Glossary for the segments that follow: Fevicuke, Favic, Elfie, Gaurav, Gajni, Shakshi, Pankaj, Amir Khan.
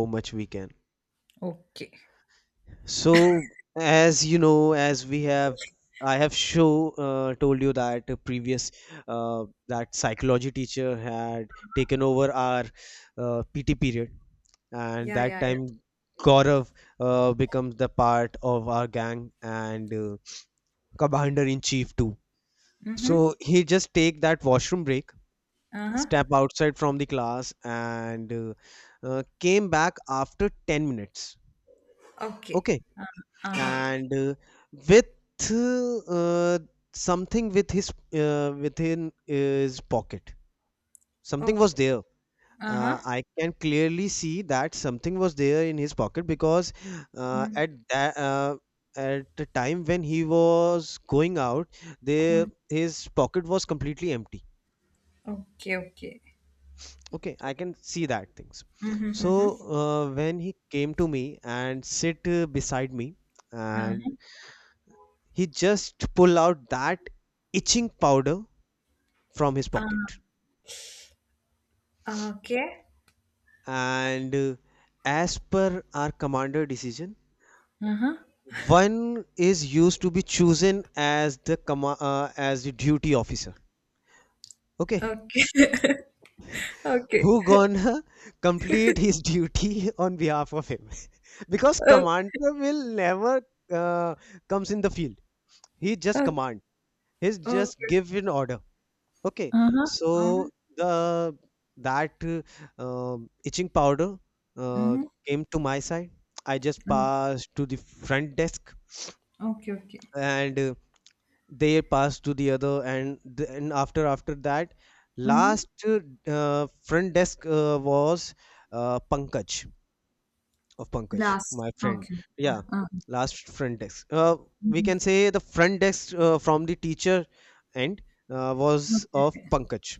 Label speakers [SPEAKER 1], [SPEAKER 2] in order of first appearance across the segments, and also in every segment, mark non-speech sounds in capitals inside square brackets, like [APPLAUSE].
[SPEAKER 1] How much we can.
[SPEAKER 2] Okay.
[SPEAKER 1] So, as you know, I have show, told you that the previous that psychology teacher had taken over our PT period, and
[SPEAKER 2] Yeah,
[SPEAKER 1] that
[SPEAKER 2] yeah,
[SPEAKER 1] time Gaurav becomes the part of our gang and commander in chief too.
[SPEAKER 2] yeah. Mm-hmm.
[SPEAKER 1] So he just take that washroom break,
[SPEAKER 2] Uh-huh.
[SPEAKER 1] step outside from the class, and came back after 10 minutes.
[SPEAKER 2] Okay.
[SPEAKER 1] Okay.
[SPEAKER 2] Uh-huh.
[SPEAKER 1] And with uh, something with his within his pocket something
[SPEAKER 2] Oh,
[SPEAKER 1] was there.
[SPEAKER 2] uh-huh.
[SPEAKER 1] I can clearly see that something was there in his pocket because uh,
[SPEAKER 2] Mm-hmm.
[SPEAKER 1] at that uh, at the time when he was going out there his pocket was completely empty.
[SPEAKER 2] Okay, okay.
[SPEAKER 1] Okay, I can see that things.
[SPEAKER 2] Mm-hmm,
[SPEAKER 1] So
[SPEAKER 2] mm-hmm.
[SPEAKER 1] when he came to me and sit beside me
[SPEAKER 2] Uh-huh.
[SPEAKER 1] and he just pulled out that itching powder from his pocket.
[SPEAKER 2] Okay.
[SPEAKER 1] And as per our commander decision,
[SPEAKER 2] Uh-huh.
[SPEAKER 1] one is used to be chosen as the as the duty officer. Okay,
[SPEAKER 2] Okay. [LAUGHS]
[SPEAKER 1] who
[SPEAKER 2] Okay.
[SPEAKER 1] gonna [LAUGHS] complete his duty [LAUGHS] on behalf of him? [LAUGHS] Because
[SPEAKER 2] Okay.
[SPEAKER 1] commander will never uh, comes in the field. He just
[SPEAKER 2] Okay.
[SPEAKER 1] command. He's just
[SPEAKER 2] Okay.
[SPEAKER 1] give an order. Okay,
[SPEAKER 2] Uh-huh. Uh-huh.
[SPEAKER 1] so the that uh, itching powder uh,
[SPEAKER 2] Mm-hmm.
[SPEAKER 1] came to my side. I just passed to the front desk,
[SPEAKER 2] Okay, okay.
[SPEAKER 1] and they passed to the other. And then after that,
[SPEAKER 2] Mm-hmm.
[SPEAKER 1] last front desk was Pankaj, of Pankaj,
[SPEAKER 2] Last.
[SPEAKER 1] my friend.
[SPEAKER 2] Okay.
[SPEAKER 1] Yeah,
[SPEAKER 2] Uh-huh.
[SPEAKER 1] last front desk. We can
[SPEAKER 2] Mm-hmm.
[SPEAKER 1] say the front desk from the teacher end was of
[SPEAKER 2] Okay.
[SPEAKER 1] Pankaj.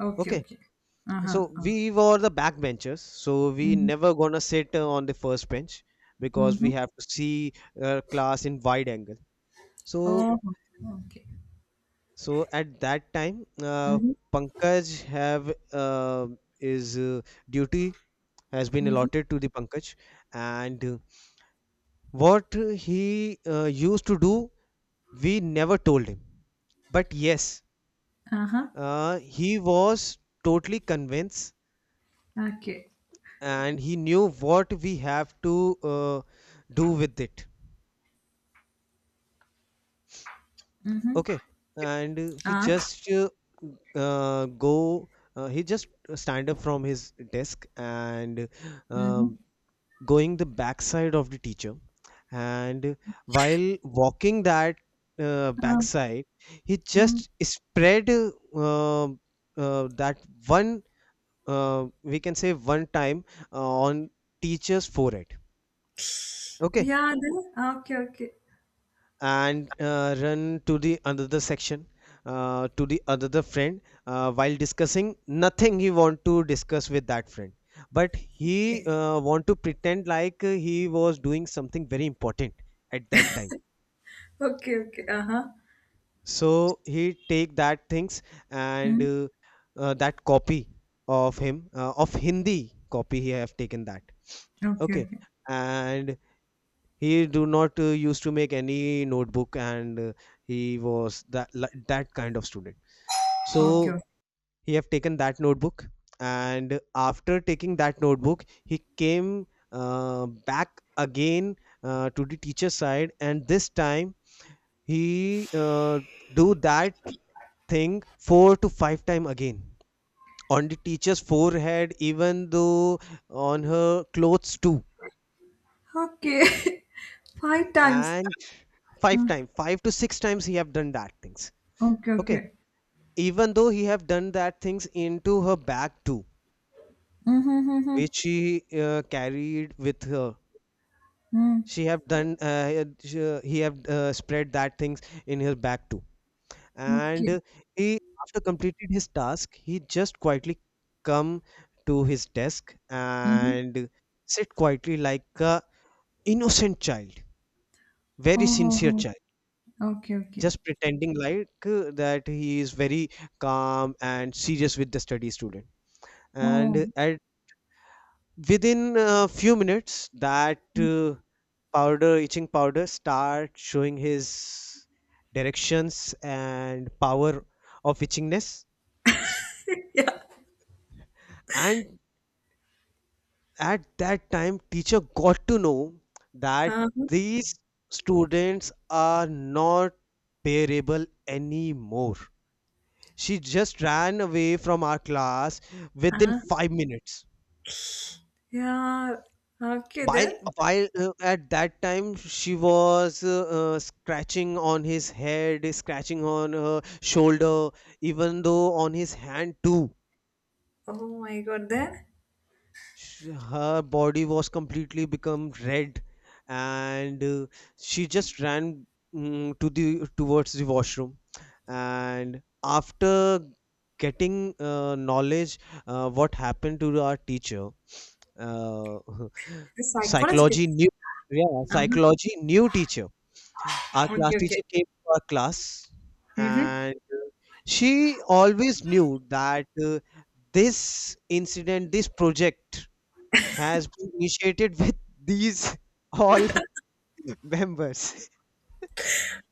[SPEAKER 2] Okay,
[SPEAKER 1] Okay.
[SPEAKER 2] okay, okay. Uh-huh.
[SPEAKER 1] So
[SPEAKER 2] Uh-huh.
[SPEAKER 1] we were the backbenchers, so we
[SPEAKER 2] Mm-hmm.
[SPEAKER 1] never gonna sit on the first bench because
[SPEAKER 2] Mm-hmm.
[SPEAKER 1] we have to see class in wide angle. So,
[SPEAKER 2] Oh, okay.
[SPEAKER 1] so at that time,
[SPEAKER 2] Mm-hmm.
[SPEAKER 1] Pankaj have his duty has been
[SPEAKER 2] Mm-hmm.
[SPEAKER 1] allotted to the Pankaj, and what he used to do, we never told him. But yes,
[SPEAKER 2] Uh-huh.
[SPEAKER 1] he was totally convinced
[SPEAKER 2] Okay.
[SPEAKER 1] and he knew what we have to do with it.
[SPEAKER 2] Mhm.
[SPEAKER 1] Okay. And he
[SPEAKER 2] Ah.
[SPEAKER 1] just go he just stand up from his desk and
[SPEAKER 2] Mhm.
[SPEAKER 1] um, going the backside of the teacher and while walking that
[SPEAKER 2] Ah.
[SPEAKER 1] backside he
[SPEAKER 2] Mhm.
[SPEAKER 1] just spread uh, that one, we can say one time on teacher's forehead. Okay,
[SPEAKER 2] Yeah. Then. Mi? Ah, okay, okay.
[SPEAKER 1] and run to the another section, to the another friend, while discussing nothing he want to discuss with that friend, but he
[SPEAKER 2] [LAUGHS]
[SPEAKER 1] want to pretend like he was doing something very important at that time.
[SPEAKER 2] Okay, okay. Aha.
[SPEAKER 1] So he take that things and
[SPEAKER 2] Mhm.
[SPEAKER 1] that copy of him, of hindi copy he have taken that.
[SPEAKER 2] Okay,
[SPEAKER 1] Okay,
[SPEAKER 2] okay.
[SPEAKER 1] and he do not used to make any notebook and he was that that kind of student.
[SPEAKER 2] Okay,
[SPEAKER 1] So
[SPEAKER 2] okay.
[SPEAKER 1] he have taken that notebook, and after taking that notebook he came back again, to the teacher side, and this time he do that thing four to five time again on the teacher's forehead, even though on her clothes too.
[SPEAKER 2] Okay. [LAUGHS] Five times.
[SPEAKER 1] And
[SPEAKER 2] Ah,
[SPEAKER 1] five to six times he have done that things.
[SPEAKER 2] okay,
[SPEAKER 1] Okay,
[SPEAKER 2] okay.
[SPEAKER 1] even though he have done that things into her bag too,
[SPEAKER 2] Mhm, mhm, mhm.
[SPEAKER 1] which she carried with her.
[SPEAKER 2] Mhm.
[SPEAKER 1] She have done she- He have spread that things in her bag too. And
[SPEAKER 2] Okay.
[SPEAKER 1] he, after completed his task, he just quietly come to his desk
[SPEAKER 2] Mhm.
[SPEAKER 1] and sit quietly like a innocent child,
[SPEAKER 2] Oh,
[SPEAKER 1] very sincere
[SPEAKER 2] oh,
[SPEAKER 1] child,
[SPEAKER 2] oh. Okay, okay.
[SPEAKER 1] just pretending like that he is very calm and serious with the study student.
[SPEAKER 2] Oh.
[SPEAKER 1] And at within a few minutes that powder itching powder start showing his directions and power of itchingness.
[SPEAKER 2] [LAUGHS] Yeah.
[SPEAKER 1] And at that time teacher got to know that
[SPEAKER 2] Uh,
[SPEAKER 1] these students are not bearable anymore. She just ran away from our class within
[SPEAKER 2] uh,
[SPEAKER 1] 5 minutes.
[SPEAKER 2] yeah. Okay,
[SPEAKER 1] While
[SPEAKER 2] then.
[SPEAKER 1] while At that time she was scratching on his head, scratching on her shoulder, even though on his hand too.
[SPEAKER 2] Oh my God, then.
[SPEAKER 1] Her body was completely become red, and she just ran, to the towards the washroom. And after getting knowledge, what happened to our teacher, uh, [LAUGHS]
[SPEAKER 2] Psychological.
[SPEAKER 1] psychology new yeah
[SPEAKER 2] Uh-huh.
[SPEAKER 1] psychology new teacher, our class
[SPEAKER 2] Okay, okay.
[SPEAKER 1] teacher came to our class,
[SPEAKER 2] Mm-hmm.
[SPEAKER 1] and uh, she always knew that this incident, this project, has been initiated with these [LAUGHS] all [LAUGHS] members.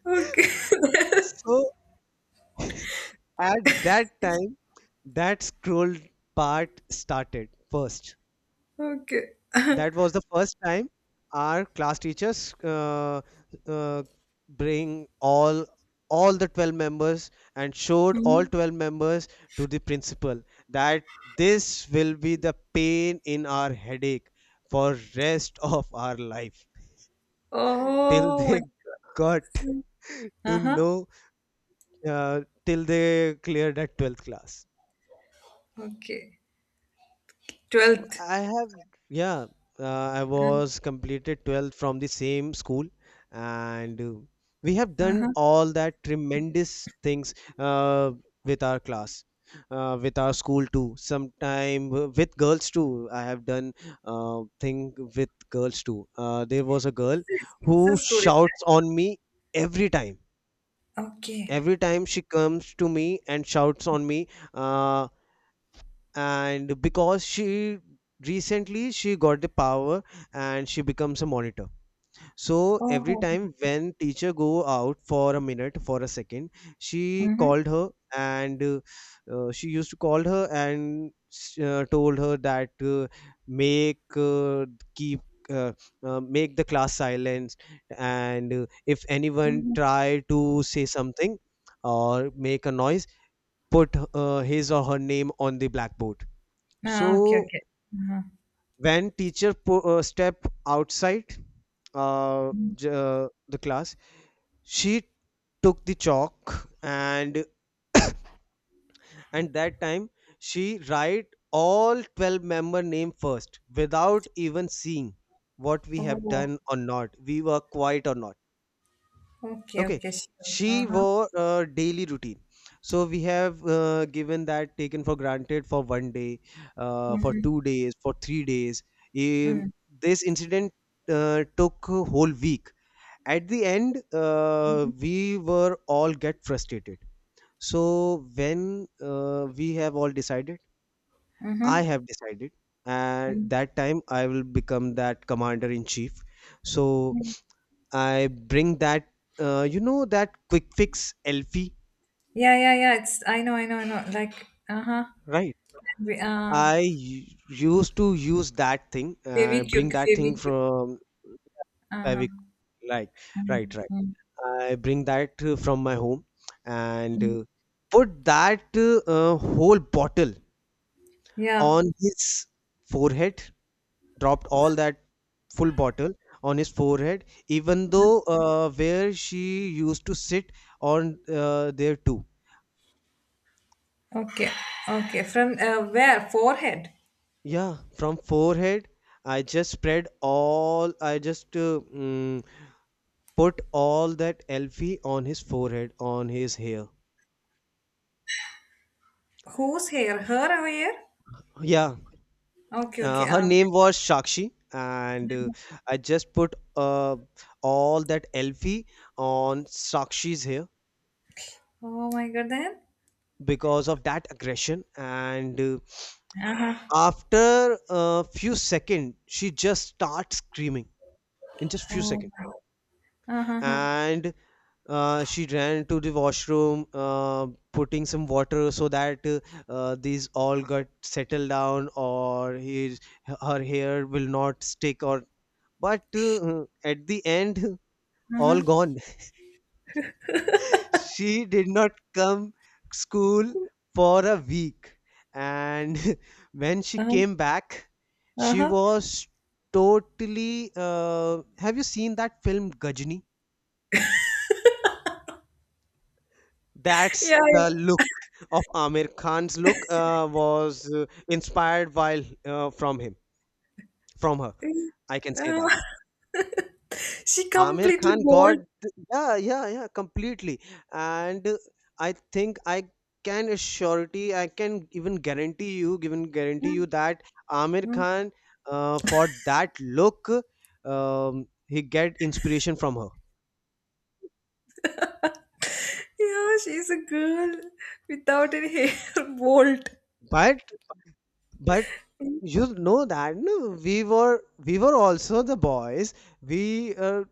[SPEAKER 2] Okay,
[SPEAKER 1] [LAUGHS] So at that time that scroll part started first.
[SPEAKER 2] [LAUGHS] okay.
[SPEAKER 1] That was the first time our class teachers uh, bring all the 12 members and showed all
[SPEAKER 2] Mm-hmm.
[SPEAKER 1] 12 members to the principal that this will be the pain in our headache for rest [LAUGHS] of our life till
[SPEAKER 2] Oh my
[SPEAKER 1] they got
[SPEAKER 2] God.
[SPEAKER 1] [LAUGHS] to
[SPEAKER 2] Uh-huh.
[SPEAKER 1] know uh, till they cleared that 12th class.
[SPEAKER 2] Okay.
[SPEAKER 1] So
[SPEAKER 2] 12th.
[SPEAKER 1] I have, yeah, uh, I was completed 12th from the same school, and we have done
[SPEAKER 2] Uh-huh.
[SPEAKER 1] all that tremendous things with our class, with our school too. Sometime with girls too. I have done thing with girls too. There was a girl
[SPEAKER 2] Mixes.
[SPEAKER 1] who
[SPEAKER 2] Mixes food is
[SPEAKER 1] shouts on me every time.
[SPEAKER 2] that? Okay.
[SPEAKER 1] Every time she comes to me and shouts on me. Uh, and because she recently she got the power and she becomes a monitor, so every
[SPEAKER 2] Oh.
[SPEAKER 1] time when teacher go out for a minute, for a second, she
[SPEAKER 2] Mm-hmm.
[SPEAKER 1] called her and she used to call her and told her that make uh, keep uh, make the class silent, and if anyone
[SPEAKER 2] Mm-hmm.
[SPEAKER 1] try to say something or make a noise, put his or her name on the blackboard.
[SPEAKER 2] Ah, okay,
[SPEAKER 1] So
[SPEAKER 2] okay. Uh-huh.
[SPEAKER 1] when teacher step outside
[SPEAKER 2] Mm.
[SPEAKER 1] the class, she took the chalk and that time she write all 12-member name first without even seeing what we have
[SPEAKER 2] Oh.
[SPEAKER 1] done or not, we were quiet or not.
[SPEAKER 2] Okay,
[SPEAKER 1] Okay,
[SPEAKER 2] okay, sure.
[SPEAKER 1] she
[SPEAKER 2] Uh-huh.
[SPEAKER 1] wore a daily routine. So we have given that taken for granted for one day, for
[SPEAKER 2] Mm-hmm.
[SPEAKER 1] 2 days, for 3 days. Um,
[SPEAKER 2] Mm-hmm.
[SPEAKER 1] this incident took a whole week. At the end, we were all get frustrated. So when we have all decided, I
[SPEAKER 2] Mm-hmm.
[SPEAKER 1] have decided,
[SPEAKER 2] Mm-hmm.
[SPEAKER 1] at that time I will become that commander in chief. So I bring that, you know, that quick fix Elfie.
[SPEAKER 2] Yeah, yeah, yeah. It's I know, I know, I know. Like, uh-huh. And
[SPEAKER 1] Right.
[SPEAKER 2] we
[SPEAKER 1] I u- used to use that thing, bring
[SPEAKER 2] Fevicuke,
[SPEAKER 1] that thing
[SPEAKER 2] Fevicuke.
[SPEAKER 1] from Favic,
[SPEAKER 2] Uh-huh.
[SPEAKER 1] like, right. Right.
[SPEAKER 2] Mm-hmm.
[SPEAKER 1] I bring that from my home, and put that whole bottle
[SPEAKER 2] Yeah.
[SPEAKER 1] on his forehead, dropped all that full bottle on his forehead, even though where she used to sit on, there too.
[SPEAKER 2] Okay. Okay. From where? Forehead.
[SPEAKER 1] Yeah, from forehead, I just spread all, I just put all that Elfie on his forehead, on his hair.
[SPEAKER 2] Whose hair? Her hair?
[SPEAKER 1] Yeah,
[SPEAKER 2] Okay, okay,
[SPEAKER 1] her
[SPEAKER 2] ah, okay.
[SPEAKER 1] name was Shakshi, and I just put all that Elfie on Shakshi's hair
[SPEAKER 2] Oh my god, then.
[SPEAKER 1] because of that aggression. And
[SPEAKER 2] Uh-huh.
[SPEAKER 1] after a few seconds, she just starts screaming in just few
[SPEAKER 2] Oh,
[SPEAKER 1] seconds,
[SPEAKER 2] uh-huh, uh-huh,
[SPEAKER 1] and she ran to the washroom, putting some water so that these all got settled down or his, her hair will not stick, or but at the end all
[SPEAKER 2] uh-huh,
[SPEAKER 1] gone. [LAUGHS] She did not come school for a week, and [LAUGHS] when she
[SPEAKER 2] uh-huh,
[SPEAKER 1] came back she
[SPEAKER 2] uh-huh.
[SPEAKER 1] was totally have you seen that film gajni? That's
[SPEAKER 2] Yeah,
[SPEAKER 1] the look. Of Amir Khan's look was inspired while from him, from her. I can say
[SPEAKER 2] yeah.
[SPEAKER 1] that.
[SPEAKER 2] [LAUGHS] She
[SPEAKER 1] Amir
[SPEAKER 2] completely
[SPEAKER 1] Khan got
[SPEAKER 2] bald.
[SPEAKER 1] yeah, yeah, yeah, completely. And I think I can assurity, I can even guarantee you, given guarantee
[SPEAKER 2] Mm,
[SPEAKER 1] you that Amir
[SPEAKER 2] mm.
[SPEAKER 1] Khan, for that look, he get inspiration from her.
[SPEAKER 2] Yeah, she's a girl without any hair, [LAUGHS] bald.
[SPEAKER 1] But But, you know that, no, we were, also the boys. We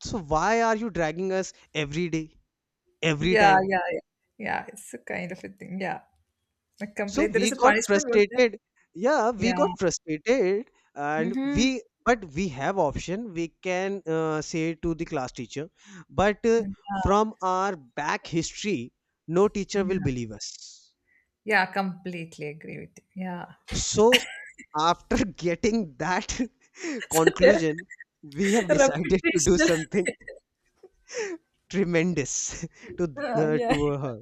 [SPEAKER 1] so why are you dragging us every day, every
[SPEAKER 2] Yeah,
[SPEAKER 1] time?
[SPEAKER 2] yeah, yeah. Yeah, it's a kind of a thing. Yeah, a
[SPEAKER 1] So
[SPEAKER 2] complaint. There
[SPEAKER 1] we
[SPEAKER 2] is a
[SPEAKER 1] got
[SPEAKER 2] punishment, was there?
[SPEAKER 1] frustrated. Yeah, we
[SPEAKER 2] Yeah.
[SPEAKER 1] got frustrated, and
[SPEAKER 2] Mm-hmm.
[SPEAKER 1] we but we have option. We can say to the class teacher, but
[SPEAKER 2] Yeah,
[SPEAKER 1] from our back history, no teacher will
[SPEAKER 2] yeah,
[SPEAKER 1] believe us.
[SPEAKER 2] yeah, completely agree with you. Yeah,
[SPEAKER 1] So, after getting that [LAUGHS]
[SPEAKER 2] [LAUGHS] such a
[SPEAKER 1] conclusion, we have decided to do
[SPEAKER 2] reputational. [LAUGHS]
[SPEAKER 1] something [LAUGHS] tremendous [LAUGHS]
[SPEAKER 2] Yeah.
[SPEAKER 1] to her.